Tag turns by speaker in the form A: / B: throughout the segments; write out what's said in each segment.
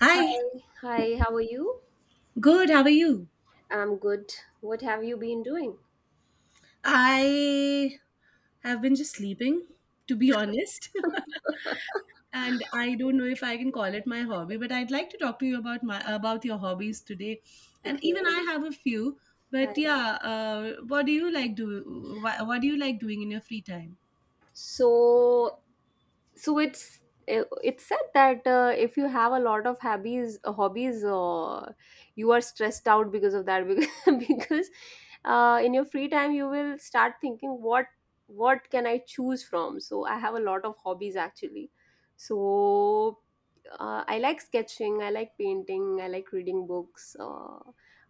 A: Hi,
B: Hi, hi, how are you?
A: good. How are you?
B: I'm good. What have you been doing?
A: I have been just sleeping, to be honest. And I don't know if I can call it my hobby, but I'd like to talk to you about my about your hobbies today. And
B: Okay,
A: even I have a few. But
B: hi.
A: yeah, what do you like do? What do you like doing in your free time?
B: So, so it's said that if you have a lot of hobbies, you are stressed out because of that because in your free time you will start thinking what can I choose from. So I have a lot of hobbies actually. so I like sketching, I like painting, I like reading books.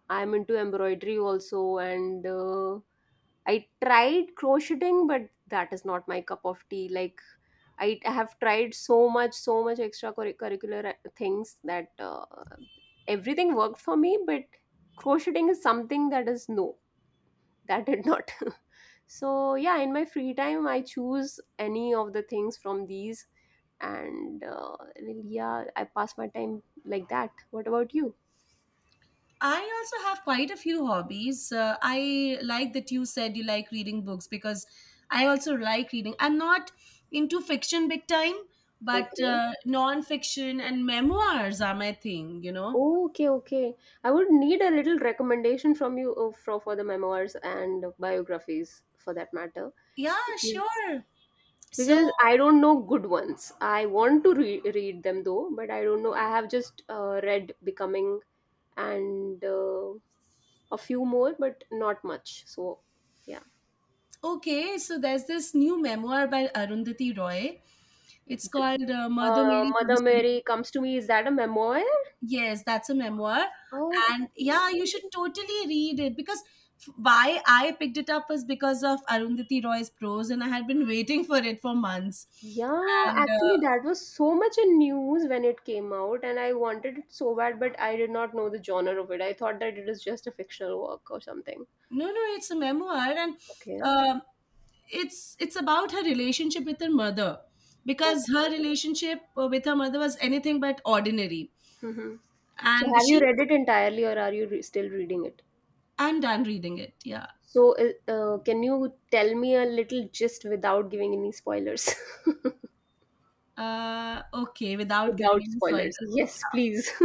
B: I'm into embroidery also, and I tried crocheting, but that is not my cup of tea. Like, I have tried so much, so much extracurricular things that everything worked for me, but crocheting is something that is no, that did not. Yeah, in my free time, I choose any of the things from these, and yeah, I pass my time like that. What about you?
A: I also have quite a few hobbies. I like that you said you like reading books because I also like reading. I'm not into fiction big time, but
B: Okay.
A: non-fiction and memoirs are my thing, you know.
B: Okay, okay. I would need a little recommendation from you for the memoirs and biographies for that matter.
A: Yeah,
B: Because,
A: sure. So,
B: because I don't know good ones. I want to re- read them though, but I don't know. I have just read Becoming and a few more, but not much. So, yeah.
A: okay, so there's this new memoir by Arundhati Roy. It's called Mother Mary
B: Mother
A: Comes to...
B: Mary Comes to Me, is that a memoir?
A: Yes, that's a memoir. And
B: Okay.
A: yeah, you should totally read it because why I picked it up was because of Arundhati Roy's prose, and I had been waiting for it for months.
B: Yeah,
A: And
B: actually, that was so much in news when it came out, and I wanted it so bad, but I did not know the genre of it. I thought that it is just a fictional work or something.
A: No, no, it's a memoir, and
B: Okay.
A: um it's about her relationship with her mother
B: Okay.
A: because her relationship with her mother was anything but ordinary.
B: Hmm. So,
A: And
B: have you
A: she,
B: read it entirely, or are you re still reading it?
A: I'm done reading it. Yeah.
B: So, can you tell me a little gist without giving any spoilers?
A: Okay, without giving
B: Without
A: any spoilers.
B: spoilers. Yes,
A: Yeah.
B: please.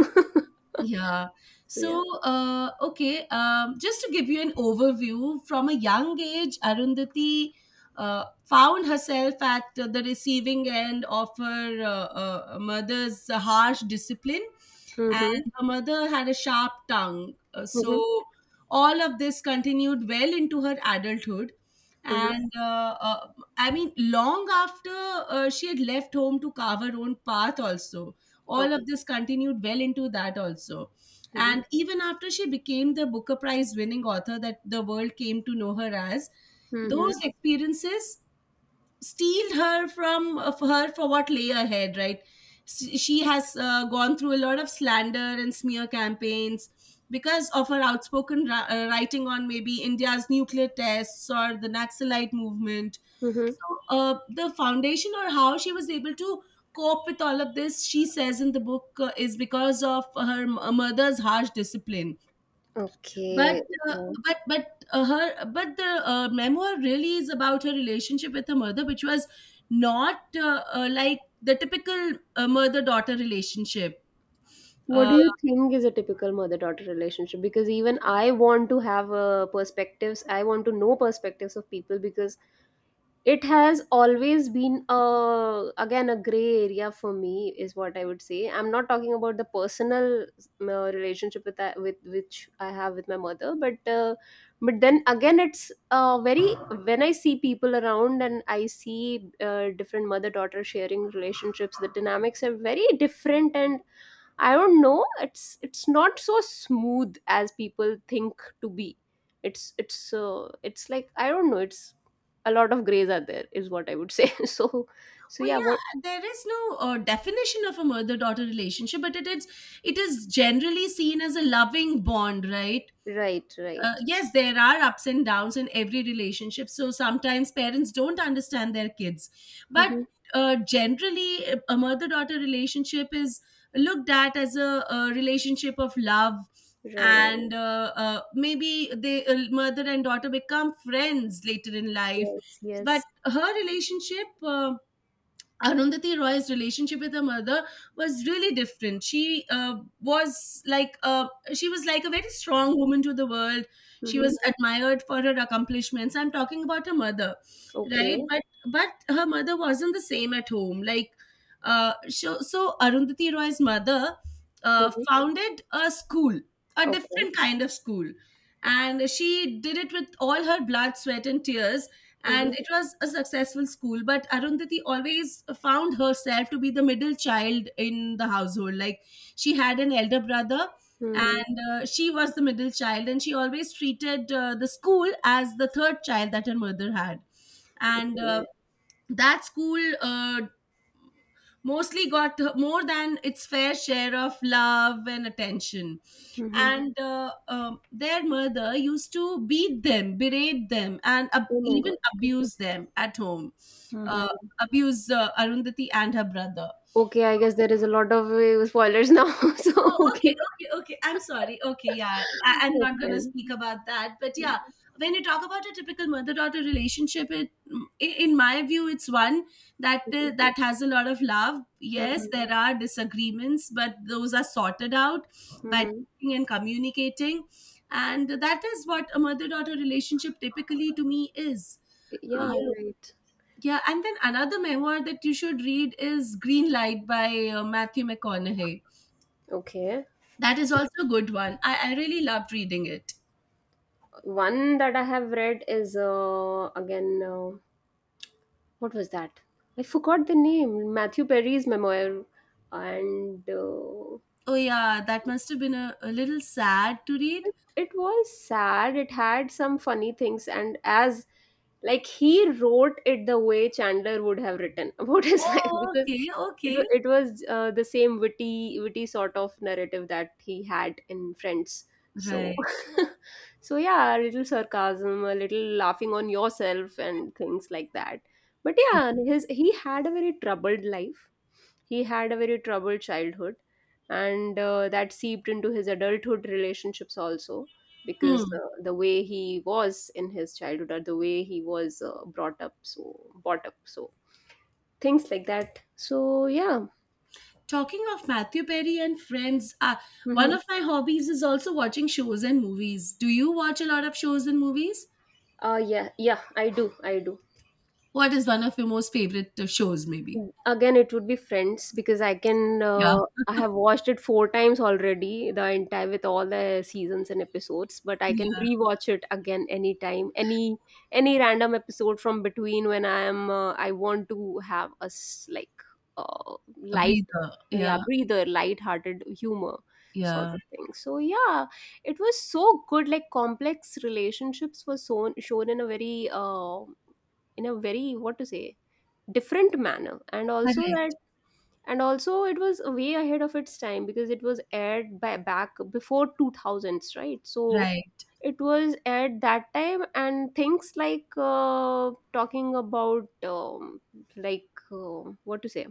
A: Yeah.
B: So, yeah.
A: So, okay, just to give you an overview, from a young age, Arundhati found herself at the receiving end of her mother's harsh discipline, and
B: Mm-hmm.
A: her mother had a sharp tongue.
B: Mm-hmm.
A: So, all of this continued well into her adulthood.
B: Mm-hmm.
A: And I mean, long after she had left home to carve her own path, also all of
B: Okay.
A: this continued well into that also,
B: Mm-hmm.
A: and even after she became the Booker Prize winning author that the world came to know her as,
B: Mm-hmm.
A: those experiences steal her from of her for what lay ahead, right? She has gone through a lot of slander and smear campaigns because of her outspoken writing on maybe India's nuclear tests or the Naxalite movement.
B: Mm-hmm.
A: So the foundation or how she was able to cope with all of this, she says in the book, is because of her mother's harsh discipline. But
B: Okay.
A: uh, but her but the memoir really is about her relationship with her mother, which was not like the typical mother daughter relationship.
B: What
A: uh,
B: do you think is a typical mother-daughter relationship? Because even I want to have perspectives. I want to know perspectives of people because it has always been again a gray area for me, is what I would say. I'm not talking about the personal relationship with I, with which I have with my mother, but then again, it's very when I see people around and I see different mother-daughter sharing relationships, the dynamics are very different and I don't know. It's not so smooth as people think to be. It's like I don't know. It's a lot of grays are there, is what I would say. So
A: oh
B: yeah. What
A: yeah, there is no definition of a mother daughter relationship, but it is, it is generally seen as a loving bond, right?
B: right right
A: Yes, there are ups and downs in every relationship. So sometimes parents don't understand their kids. But
B: hmm
A: generally, a mother-daughter relationship is looked at as a relationship of love.
B: right
A: And Maybe they mother and daughter become friends later in life.
B: yes
A: But
B: yes
A: her relationship, uh, Arundhati Roy's relationship with her mother was really different. She was like a, she was like a very strong woman to the world. She
B: mm-hmm.
A: was admired for her accomplishments. I'm talking about her mother,
B: Okay.
A: right? But her mother wasn't the same at home. Like so Arundhati Roy's mother
B: Mm-hmm.
A: founded a school, a
B: Okay.
A: different kind of school, and she did it with all her blood, sweat, and tears, and
B: Mm-hmm.
A: it was a successful school. But Arundhati always found herself to be the middle child in the household. Like, she had an elder brother,
B: Mm-hmm.
A: and she was the middle child, and she always treated the school as the third child that her mother had. And
B: Yeah.
A: That school mostly got more than its fair share of love and attention.
B: Mm-hmm.
A: And Their mother used to beat them, berate them, and
B: Oh my
A: even
B: god. Okay.
A: abuse them at home. uh,
B: Mm-hmm.
A: abuse uh, Arundhati and her brother.
B: Okay, I guess there is a lot of spoilers now. So
A: Oh, okay,
B: okay
A: okay, okay. I'm sorry. Okay, yeah, I'm not gonna
B: okay
A: speak about that. But yeah, when you talk about a typical mother-daughter relationship, in my view, it's one that that has a lot of love. Yes, there are disagreements, but those are sorted out by
B: mm-hmm.
A: talking and communicating, and that is what a mother-daughter relationship typically, to me, is. Um,
B: Yeah. Right.
A: yeah, and then another memoir that you should read is Green Light by Matthew McConaughey.
B: Okay.
A: That is also a good one. I really loved reading it.
B: One that I have read is again what was that? I forgot the name. Matthew Perry's memoir, and
A: Oh, yeah, that must have been a little sad to read.
B: it was sad. It had some funny things, and as like he wrote it the way Chandler would have written about his life
A: Oh,
B: because
A: okay,
B: it was
A: okay.
B: it was the same witty sort of narrative that he had in Friends. So
A: Right.
B: so yeah, a little sarcasm, a little laughing on yourself, and things like that. But yeah,
A: Okay.
B: his he had a very troubled life. He had a very troubled childhood, and that seeped into his adulthood relationships also because
A: Hmm.
B: the way he was in his childhood or the way he was brought up so things like that so yeah.
A: Talking of Matthew Perry and friends, one
B: Mhm.
A: of my hobbies is also watching shows and movies. Do you watch a lot of shows and movies?
B: Yeah, yeah, I do, I do.
A: What is one of your most favorite shows, maybe?
B: Again, it would be Friends because I can.
A: Yeah,
B: I have watched it four times already, the entire with all the seasons and episodes. But I can
A: yeah.
B: rewatch it again anytime, any random episode from between when I am. I want to have a s- like
A: A
B: light,
A: breather.
B: yeah,
A: Yeah,
B: breather, light-hearted humor sort
A: yeah.
B: of thing. So yeah, it was so good. Like complex relationships were shown in a very what to say different manner and also that
A: Correct.
B: and also it was way ahead of its time because it was aired by back before 2000s right so
A: Right.
B: it was aired that time and things like talking about like what to say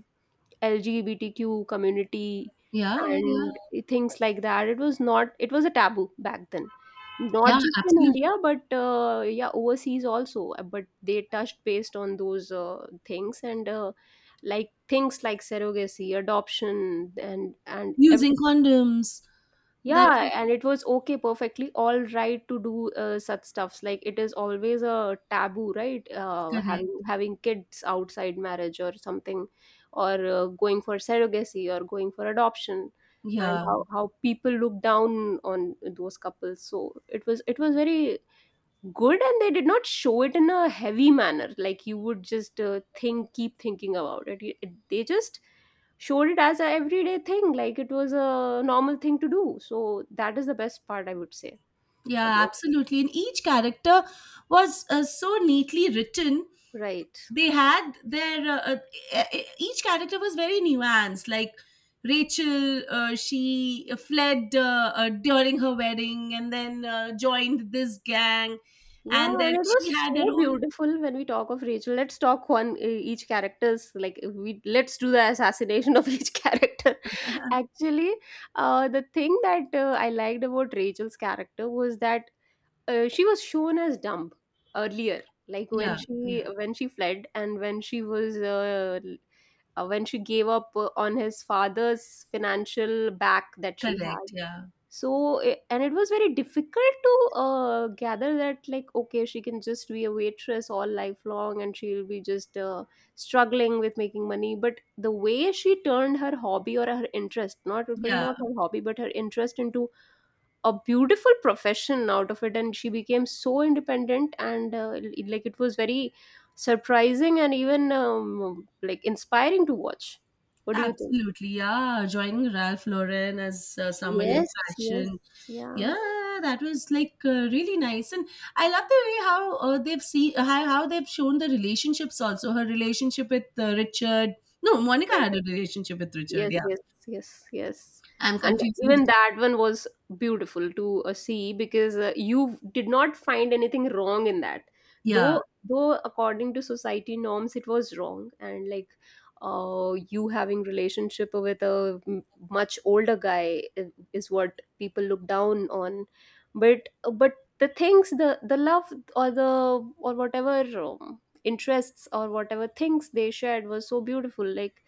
B: LGBTQ community
A: Yeah, yeah, yeah.
B: and things like that. It was not, it was a taboo back then. Not
A: Yeah,
B: just in
A: absolutely.
B: India, but yeah, overseas also. But they touched based on those things and like things like surrogacy, adoption, and
A: Using condoms. That
B: yeah,
A: is
B: and it was okay, perfectly all right to do such stuffs. Like it is always a taboo, right?
A: correct.
B: Having kids outside marriage or something, or going for surrogacy or going for adoption, and
A: Yeah,
B: how people look down on those couples. So it was very good and they did not show it in a heavy manner like you would just think keep thinking about it. It- it- they just showed it as a everyday thing like it was a normal thing to do so that is the best part I would say
A: yeah,
B: about.
A: absolutely. And each character was so neatly written.
B: Right.
A: They had their each character was very nuanced. Like Rachel, she fled during her wedding, and then joined this gang,
B: Yeah,
A: and
B: and
A: then
B: it was
A: she had her
B: so
A: own.
B: beautiful when we talk of Rachel, let's talk one each characters like if we let's do the assassination of each character actually the thing that I liked about Rachel's character was that she was shown as dumb earlier like
A: Yeah, yeah,
B: when she fled and when she was l- when she gave up on his father's financial back that she
A: correct.
B: had
A: Yeah,
B: so I- and it was very difficult to gather that like okay she can just be a waitress all lifelong and she'll be just struggling with making money but the way she turned her hobby or her interest not it was
A: yeah,
B: not her hobby but her interest into a beautiful profession out of it and she became so independent and it- like it was very surprising and even like inspiring to watch. What do you think?
A: absolutely. Yeah, joining Ralph Lauren as someone in
B: Yes, yes,
A: fashion,
B: yeah.
A: yeah, that was like really nice. And I love the way how how they've shown the relationships also. Her relationship with Richard, no, Monica had a relationship with Richard,
B: Yes,
A: yeah.
B: yes, yes, yes.
A: I'm
B: And
A: confusing the
B: even
A: two.
B: that one was beautiful to see because you did not find anything wrong in that.
A: Yeah,
B: Though according to society norms, it was wrong. And like you having relationship with a m- much older guy I- is what people look down on. But the things, the love or the or whatever interests or whatever things they shared was so beautiful. Like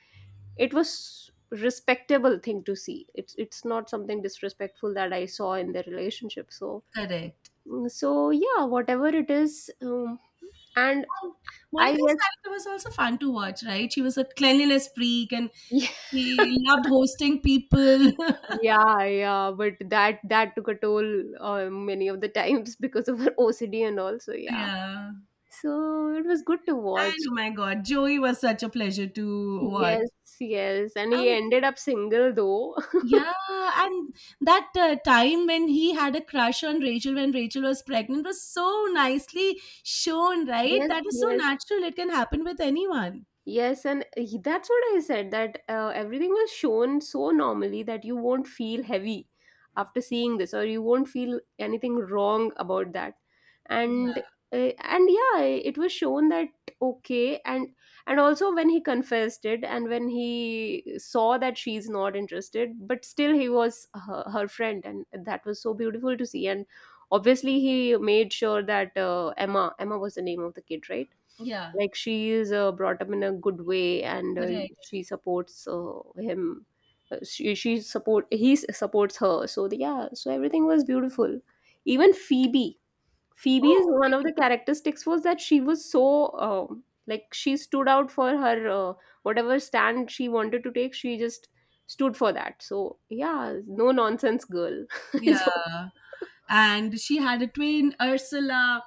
B: it was respectable thing to see, it's not something disrespectful that I saw in their relationship so
A: correct.
B: mm, so yeah whatever it is and
A: And
B: I
A: Monica's
B: guess
A: character was also fun to watch, right? She was a cleanliness freak, and
B: yeah
A: she loved hosting people.
B: yeah yeah but that that took a toll many of the times because of her OCD and all so yeah
A: Yeah,
B: so it was good to watch.
A: and oh my god, Joey was such a pleasure to watch.
B: Yes, yes, and he
A: And
B: ended up single though.
A: yeah, and that time when he had a crush on Rachel when Rachel was pregnant was so nicely shown, right?
B: Yes,
A: That is so
B: yes.
A: natural. It can happen with anyone.
B: Yes, and he- that's what I said that everything was shown so normally that you won't feel heavy after seeing this, or you won't feel anything wrong about that. And
A: Yeah,
B: and yeah, it was shown that okay, and also when he confessed it, and when he saw that she's not interested, but still he was her, her friend, and that was so beautiful to see. And obviously, he made sure that Emma was the name of the kid, right?
A: yeah,
B: Like she is brought up in a good way and
A: correct.
B: she supports him she support he s- supports her so the, yeah so everything was beautiful even Phoebe. Phoebe's
A: Oh,
B: one of the
A: okay.
B: characteristics was that she was so like she stood out for her whatever stand she wanted to take she just stood for that so yeah no nonsense girl. Is what-
A: Yeah. And she had a twin, Ursula.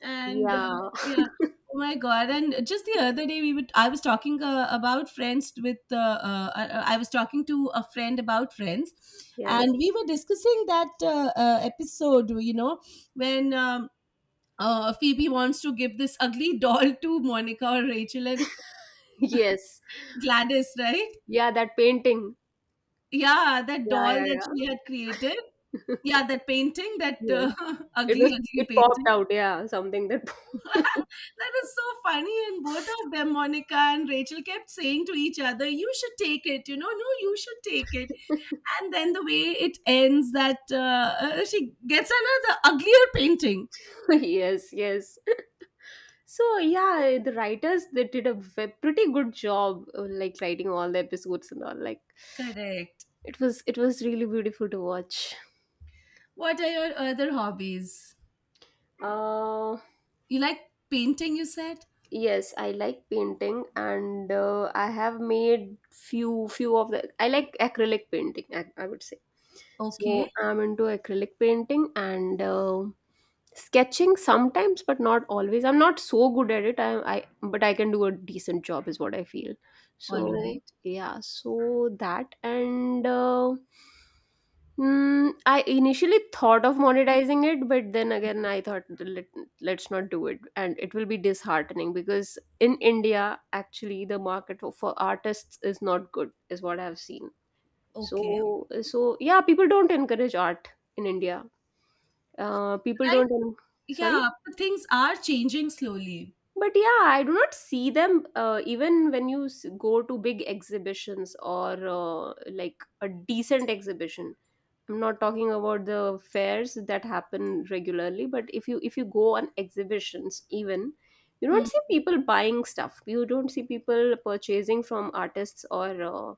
A: And
B: yeah
A: yeah, oh my God. And just the other day, I was talking I was talking to a friend about friends.
B: yeah
A: And we were discussing that episode, you know, when Phoebe wants to give this ugly doll to Monica or Rachel and
B: yes
A: Gladys, right?
B: yeah that painting
A: Yeah, that
B: yeah
A: doll
B: yeah
A: that
B: yeah
A: she had created. Yeah, that painting, that
B: yes it
A: ugly,
B: was
A: ugly
B: it popped
A: painting.
B: out, yeah, something that
A: That is so funny. And both of them, Monica and Rachel, kept saying to each other, "You should take it. You know, no, you should take it." And then the way it ends, that she gets another uglier painting.
B: yes, yes. So yeah, the writers they did a ve- pretty good job, like writing all the episodes and all. Like
A: Correct.
B: it was really beautiful to watch.
A: What are your other hobbies?
B: Uh,
A: You like painting, you said?
B: Yes, I like painting and I have made few of the I like acrylic painting, I would say. So
A: Okay.
B: I'm into acrylic painting and sketching sometimes, but not always. I'm not so good at it. I but I can do a decent job is what I feel.
A: All
B: So
A: right.
B: yeah, so that and mm, I initially thought of monetizing it, but then again, I thought let, let's not do it, and it will be disheartening because in India, actually, the market for artists is not good, is what I've seen.
A: Okay.
B: So, so yeah, people don't encourage art in India. People
A: Right.
B: don't. En- Sorry,
A: Yeah. But things are changing slowly.
B: but yeah, I do not see them. Even when you go to big exhibitions or like a decent exhibition, I'm not talking about the fairs that happen regularly, but if you go on exhibitions, even you don't
A: Hmm.
B: see people buying stuff. You don't see people purchasing from artists or uh,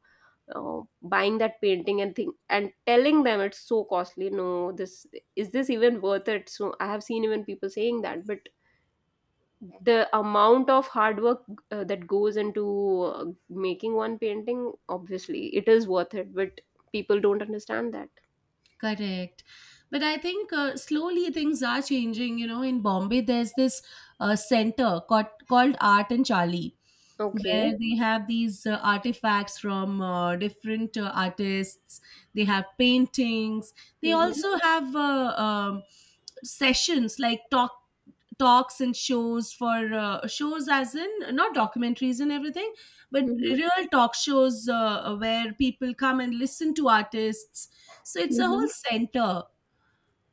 B: uh, buying that painting and thing and telling them it's so costly. No, this is this even worth it? So I have seen even people saying that, but the amount of hard work that goes into making one painting, obviously, it is worth it. But people don't understand that.
A: Correct. But I think slowly things are changing. You know, in Bombay, there's this center called Art and Charlie,
B: Okay.
A: where they have these artifacts from different artists. They have paintings. They
B: Hmm.
A: also have sessions like talks and shows for shows, as in not documentaries and everything, but
B: Mhm,
A: real talk shows where people come and listen to artists. So it's a
B: mhm.
A: whole center.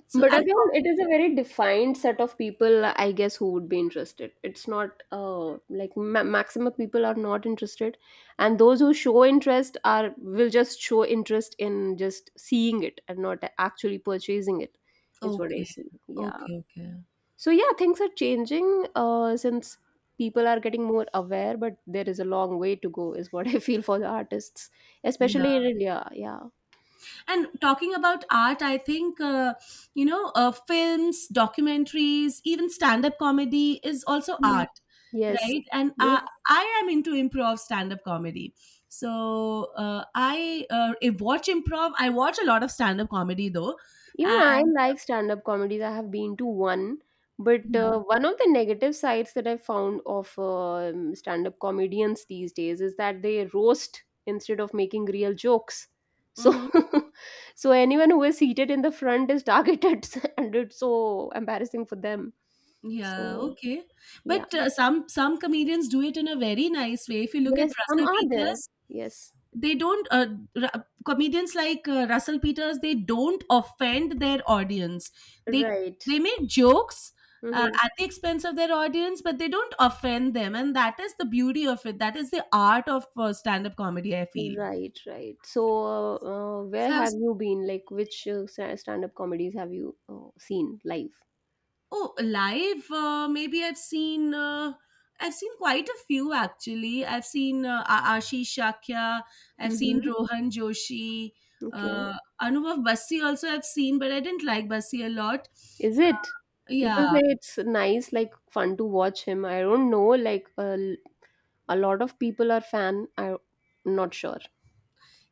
A: So
B: But
A: I'm
B: again, it
A: talking...
B: is a very defined set of people, I guess, who would be interested. It's not like maximum people are not interested, and those who show interest are will just show interest in just seeing it and not actually purchasing it. Is what I
A: okay,
B: see. Yeah.
A: okay, okay,
B: So yeah, things are changing since people are getting more aware, but there is a long way to go. Is what I feel for the artists,
A: yeah.
B: especially in India. Yeah.
A: And talking about art, I think, you know, films, documentaries, even stand up comedy is also
B: Hmm.
A: art,
B: Yes.
A: right? And
B: Yes.
A: I am into improv stand up comedy. So I watch improv. I watch a lot of stand up comedy though.
B: Even I
A: And
B: like stand up comedies. I have been to one, but
A: yeah.
B: one of the negative sides that I found of stand up comedians these days is that they roast instead of making real jokes. So,
A: Mhm.
B: so anyone who is seated in the front is targeted, and it's so embarrassing for them.
A: Yeah,
B: So,
A: okay.
B: yeah,
A: But some comedians do it in a very nice way. If you look at
B: yes, some
A: Russell
B: are there.
A: Peters,
B: Yes,
A: they don't comedians like Russell Peters, they don't offend their audience. They
B: right.
A: they make jokes
B: Hmm.
A: at the expense of their audience, but they don't offend them, and that is the beauty of it. That is the art of stand-up comedy, I feel.
B: Right, right. So,
A: So
B: where
A: I
B: have
A: was...
B: you been? Like, which stand-up comedies have you seen live?
A: Oh, live. Maybe I've seen. I've seen quite a few actually. I've seen Ashish Shakya. I've seen
B: Mm-hmm.
A: Rohan Joshi.
B: Okay.
A: Uh, Anubhav Bassi also I've seen, but I didn't like Bassi a lot.
B: Is it?
A: Yeah,
B: People say it's nice, like fun to watch him. I don't know. Like, a lot of people are fan. I'm not sure.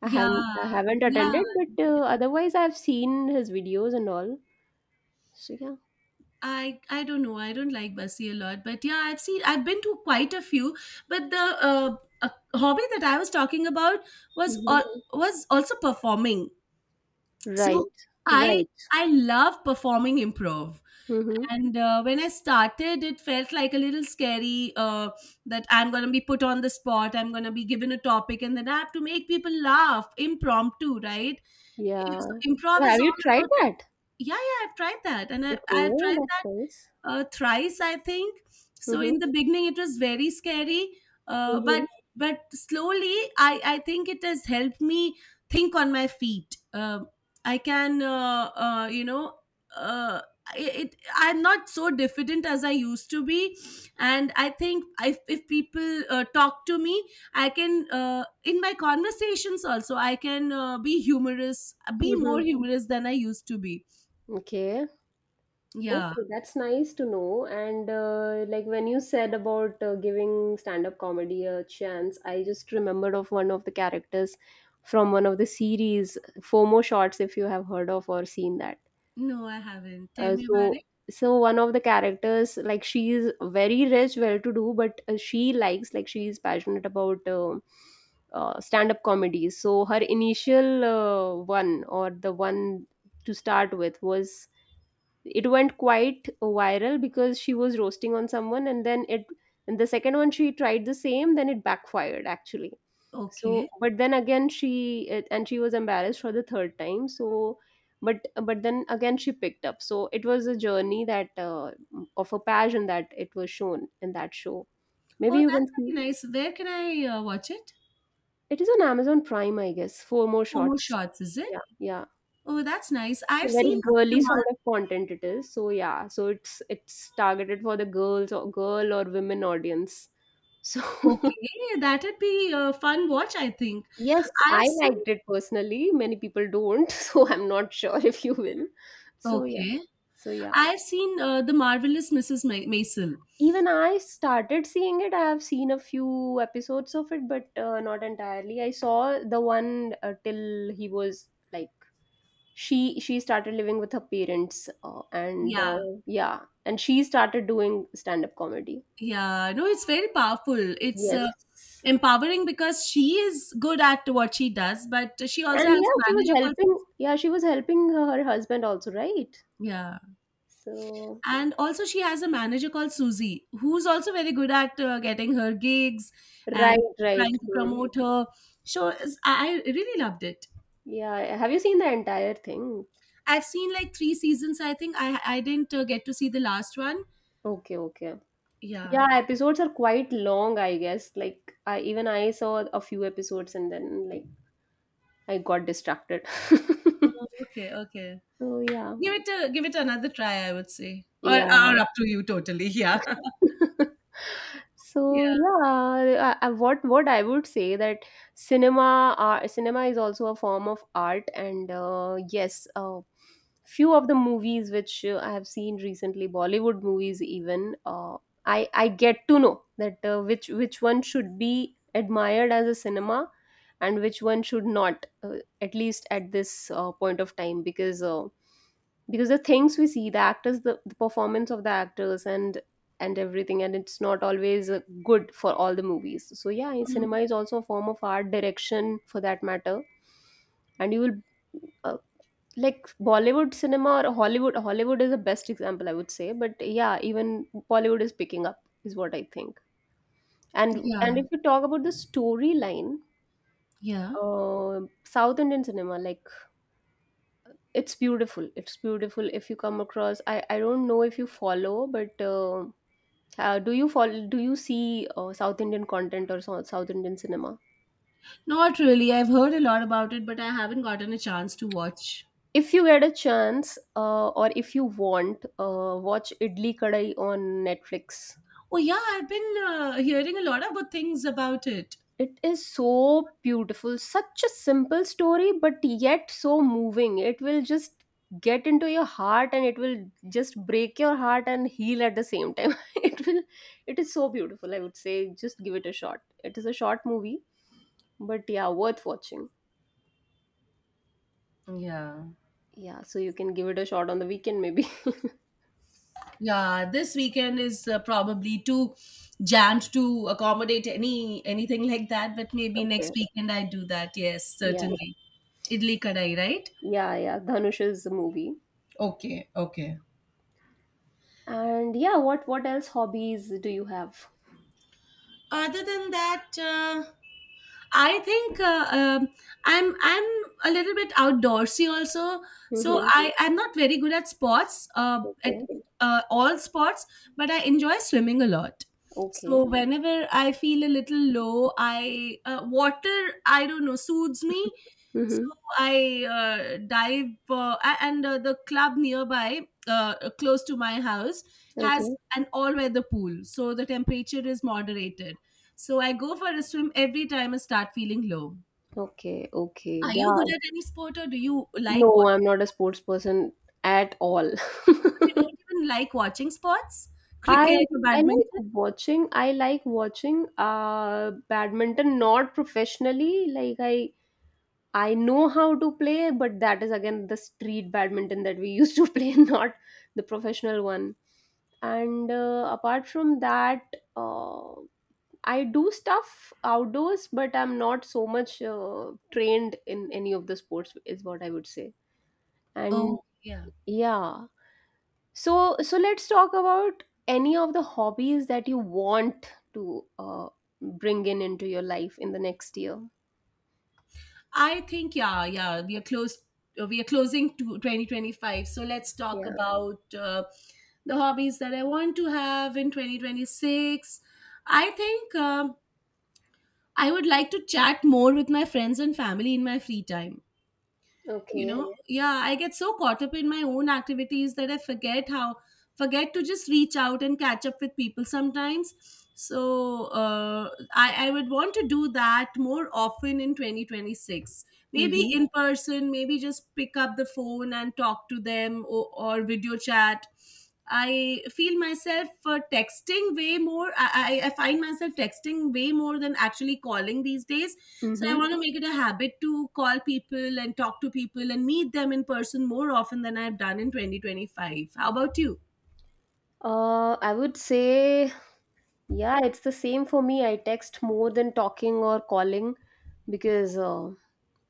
A: yeah,
B: I haven't
A: yeah.
B: attended, but otherwise, I've seen his videos and all. So yeah.
A: I don't know. I don't like Bassi a lot, but yeah, I've seen. I've been to quite a few. But the uh, a hobby that I was talking about was
B: Mm-hmm.
A: all, was also performing. So
B: Right.
A: I
B: Right.
A: I love performing improv,
B: Mm-hmm.
A: and when I started, it felt like a little scary that I'm gonna be put on the spot. I'm gonna be given a topic, and then I have to make people laugh impromptu, right?
B: Yeah.
A: So improv
B: So,
A: is
B: have you
A: all
B: tried
A: about...
B: that?
A: yeah, yeah. I've tried that, and I've
B: Okay,
A: tried
B: that's
A: that
B: nice.
A: thrice, I think. So
B: Mm-hmm.
A: in the beginning, it was very scary, uh, but
B: Mm-hmm.
A: but slowly, I think it has helped me think on my feet. Um, I can, you know. Uh, it I'm not so diffident as I used to be, and I think if people talk to me, I can in my conversations also I can be humorous be more
B: Mhm.
A: humorous than I used to be.
B: Okay.
A: Yeah.
B: Okay, that's nice to know. And like when you said about giving stand-up comedy a chance, I just remembered of one of the characters from one of the series, FOMO Shots, if you have heard of or seen that.
A: No, I haven't, tell
B: Uh,
A: me about
B: so,
A: it.
B: so one of the characters, like she is very rich, well-to-do, but she likes, like she is passionate about stand-up comedy. So her initial one or the one to start with was it went quite viral because she was roasting on someone, and then it and the second one she tried the same then it backfired actually. So
A: Okay.
B: but then again she it, and she was embarrassed for the third time. So but but then again she picked up, so it was a journey that of a passion that it was shown in that show.
A: Oh,
B: Maybe you
A: that's
B: can see.
A: very nice. Where can I watch it?
B: It is on Amazon Prime, I guess. Four More
A: Momo
B: Shots.
A: shots, is it?
B: Yeah, yeah.
A: Oh, that's nice. I've
B: So very
A: seen the
B: girly sort
A: Mar-
B: of content it is. So yeah, so it's targeted for the girls or girl or women audience. So
A: Okay, that'd be a fun watch, I think.
B: yes,
A: I've
B: I
A: seen.
B: liked it personally. Many people don't, so I'm not sure if you will. So yeah,
A: Okay,
B: so yeah.
A: I've seen the marvelous Mrs. Maisel.
B: Even I started seeing it. I have seen a few episodes of it, but not entirely. I saw the one till he was like she started living with her parents and
A: Yeah,
B: yeah, and she started doing stand-up comedy.
A: yeah. No, it's very powerful. It's
B: Yes.
A: empowering because she is good at what she does, but she also
B: And
A: has
B: yeah,
A: a
B: she was
A: manager called.
B: helping. Yeah, she was helping her husband also, right?
A: Yeah.
B: So,
A: And also, she has a manager called Susie, who's also very good at getting her gigs and
B: right, right.
A: trying to
B: Hmm.
A: promote her. I really loved it.
B: Yeah. Have you seen the entire thing?
A: I've seen like three seasons. I think I didn't get to see the last one.
B: Okay, okay.
A: Yeah.
B: Yeah, episodes are quite long, I guess. Like, I even I saw a few episodes and then like I got distracted.
A: Oh, okay. Okay.
B: So yeah.
A: Give it another try, I would say, or
B: Yeah.
A: up to you totally. Yeah. Yeah.
B: What I would say that cinema is also a form of art, and yes, few of the movies which I have seen recently, Bollywood movies even, I get to know that which one should be admired as a cinema, and which one should not, at least at this point of time, because. Because the things we see the actors the performance of the actors and everything, and it's not always good for all the movies. So yeah, in
A: Mm.
B: cinema is also a form of art direction for that matter, and you will uh, like Bollywood cinema or Hollywood is the best example I would say, but yeah, even Bollywood is picking up is what I think. And
A: Yeah.
B: if you talk about the storyline
A: Yeah.
B: South Indian cinema, like it's beautiful. It's beautiful. If you come across, I don't know if you follow, but do you follow, do you see South Indian content or so- South Indian cinema?
A: Not really. I've heard a lot about it, but I haven't gotten a chance to watch.
B: If you get a chance, or if you want, watch Idli Kadai on Netflix.
A: Oh yeah, I've been hearing a lot of good things about it.
B: It is so beautiful, such a simple story, but yet so moving. It will just get into your heart and it will just break your heart and heal at the same time. It will. It is so beautiful. I would say just give it a shot. It is a short movie, but yeah, worth watching.
A: Yeah.
B: Yeah, so you can give it a shot on the weekend maybe.
A: Yeah, this weekend is probably too jammed to accommodate anything like that, but maybe
B: Okay.
A: next weekend I do that. Yes,
B: Yeah.
A: certainly. Idli kadai, right?
B: Yeah, yeah, Dhanush's movie.
A: Okay, okay.
B: And yeah, what else hobbies do you have?
A: Other than that, I think I'm a little bit outdoorsy also, so
B: Mm-hmm.
A: I'm not very good at sports, at
B: Okay.
A: all sports, but I enjoy swimming a lot. So
B: Okay.
A: whenever I feel a little low, I don't know, soothes me. So
B: Mm-hmm.
A: I dive, a- and the club nearby, close to my house, has
B: Okay.
A: an all-weather pool, so the temperature is moderated. So I go for a swim every time I start feeling low.
B: Okay. Okay.
A: Are you good
B: Yeah.
A: at any sport, or do you like
B: No,
A: watching?
B: I'm not a sports person at all.
A: You don't even like watching sports?
B: I
A: Cricket or
B: I like
A: badminton?
B: watching. I like watching badminton, not professionally. I know how to play, but that is again the street badminton that we used to play, not the professional one. And apart from that, uh, I do stuff outdoors, but I'm not so much trained in any of the sports, is what I would say.
A: Oh,
B: And
A: yeah.
B: yeah, so so let's talk about any of the hobbies that you want to bring in into your life in the next year.
A: I think yeah, yeah, we are closing to 2025. So let's talk
B: Yeah.
A: about the hobbies that I want to have in 2026. I think I would like to chat more with my friends and family in my free time. You
B: Okay.
A: know, yeah, I get so caught up in my own activities that I forget to just reach out and catch up with people sometimes. So I would want to do that more often in 2026, maybe
B: Mm-hmm.
A: in person, maybe just pick up the phone and talk to them, or video chat. I find myself texting way more than actually calling these days. So I
B: Mm-hmm.
A: want to make it a habit to call people and talk to people and meet them in person more often than I've done in 2025. How about you?
B: I would say, yeah, it's the same for me. I text more than talking or calling because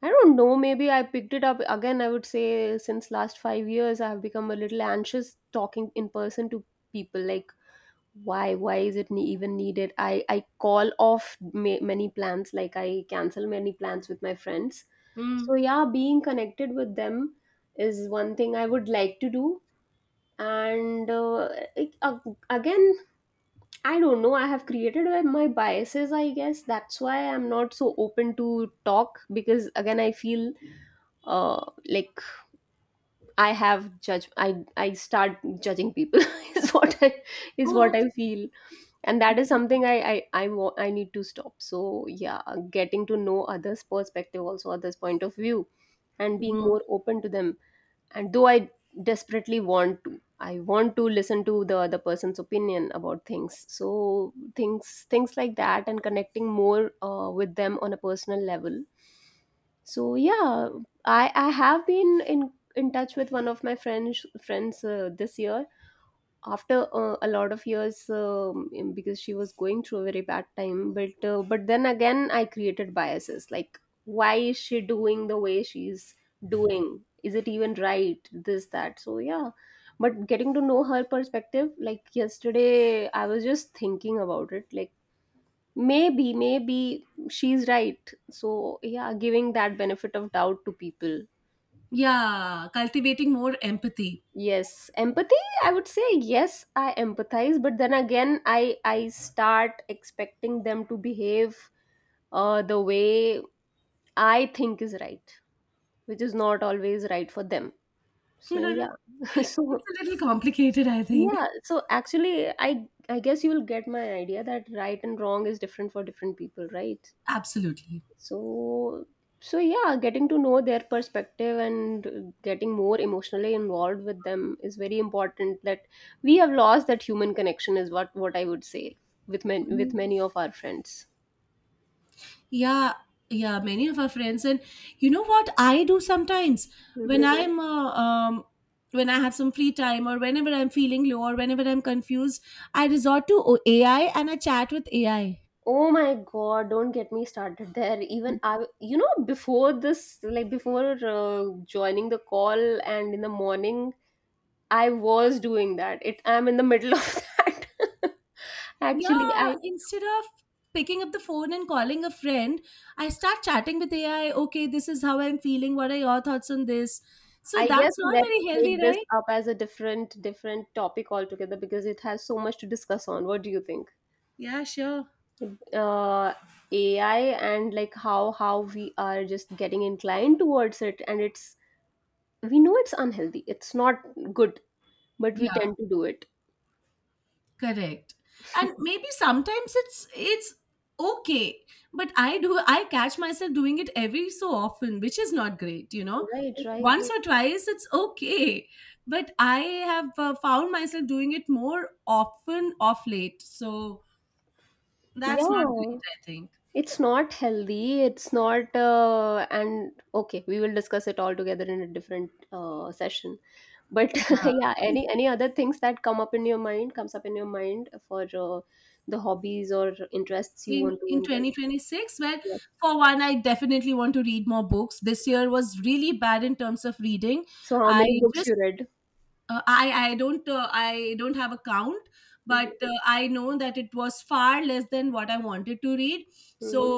B: I don't know, maybe I picked it up again. I would say since last 5 years, I have become a little anxious talking in person to people. Like, why? Why is it even needed? I call off many plans, like, I cancel many plans with my friends.
A: Hmm.
B: So, yeah, being connected with them is one thing I would like to do. And it, uh, again I don't know. I have created my biases, I guess. That's why I'm not so open to talk because again, I feel uh, like I have judge. I start judging people is what I is what
A: Oh.
B: I feel, and that is something I need to stop. So yeah, getting to know others' perspective, also others' point of view, and
A: Okay.
B: being more open to them. And though I want to listen to the other person's opinion about things. So things like that, and connecting more with them on a personal level. So yeah, I have been in touch with one of my friends this year after a lot of years, because she was going through a very bad time. But but then again I created biases, like why is she doing the way she's doing? Is it even right? This that. So yeah, but getting to know her perspective, like yesterday I was just thinking about it, like maybe maybe she's right. So yeah, giving that benefit of doubt to people.
A: Yeah, cultivating more empathy.
B: Yes, empathy, I would say yes, I empathize, but then again, I start expecting them to behave the way I think is right, which is not always right for them.
A: It's
B: So yeah.
A: a
B: So
A: little complicated, I think.
B: yeah, so actually I guess you'll get my idea that right and wrong is different for different people, right?
A: Absolutely.
B: So, so yeah, getting to know their perspective and getting more emotionally involved with them is very important. That we have lost that human connection is what I would say with men with many of our friends.
A: Yeah, yeah, many of our friends. And you know what I do sometimes when
B: Mhm.
A: I'm when I have some free time, or whenever I'm feeling low, or whenever I'm confused, I resort to AI, and I chat with AI.
B: Oh my god, don't get me started there. Even I, you know, before this, like before joining the call and in the morning, I was doing that. It, I'm in the middle of that. Actually,
A: Yeah, instead of picking up the phone and calling a friend, I start chatting with AI. Okay, this is how I'm feeling. What are your thoughts on this? So
B: I guess
A: that's not
B: let's
A: very healthy,
B: take this
A: right?
B: up as a different topic altogether because it has so much to discuss on. What do you think?
A: Yeah, sure.
B: Uh, AI and like how we are just getting inclined towards it, and it's we know it's unhealthy. It's not good, but we
A: Yeah.
B: tend to do it.
A: Correct. And maybe sometimes it's okay, but I do, I catch myself doing it every so often, which is not great, you know.
B: Right, right.
A: Once or twice it's okay, but I have found myself doing it more often of late, so that's not great,
B: Yeah,
A: I think.
B: it's not healthy. It's not, and okay, we will discuss it all together in a different session. But yeah,
A: Yeah.
B: any other things that comes up in your mind for the hobbies or interests you
A: in
B: want to
A: in
B: inculcate?
A: 2026, well,
B: Yes.
A: for one, I definitely want to read more books. This year was really bad in terms of reading.
B: So how
A: I
B: many books
A: just
B: you read?
A: I don't have a count,
B: Hmm.
A: but I know that it was far less than what I wanted to read. So
B: Hmm.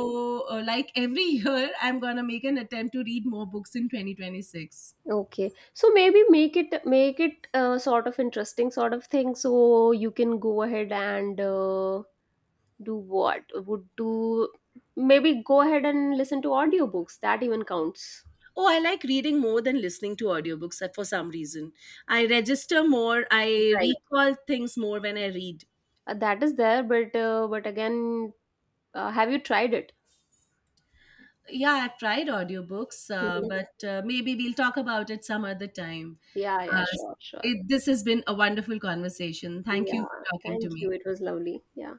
A: like every year, I'm going to make an attempt to read more books in 2026.
B: Okay, so maybe make it sort of interesting sort of thing. So you can go ahead and do what would do. Maybe go ahead and listen to audiobooks. That even counts.
A: Oh, I like reading more than listening to audiobooks for some reason. I register more, I
B: Right.
A: recall things more when I read.
B: That is there, but again, have you tried it?
A: Yeah, I've tried audiobooks,
B: Mhm.
A: but maybe we'll talk about it some other time.
B: Yeah,
A: Uh,
B: yeah, sure, sure.
A: this has been a wonderful conversation. Thank you
B: Yeah,
A: for talking to
B: thank you.
A: me.
B: It was lovely. Yeah.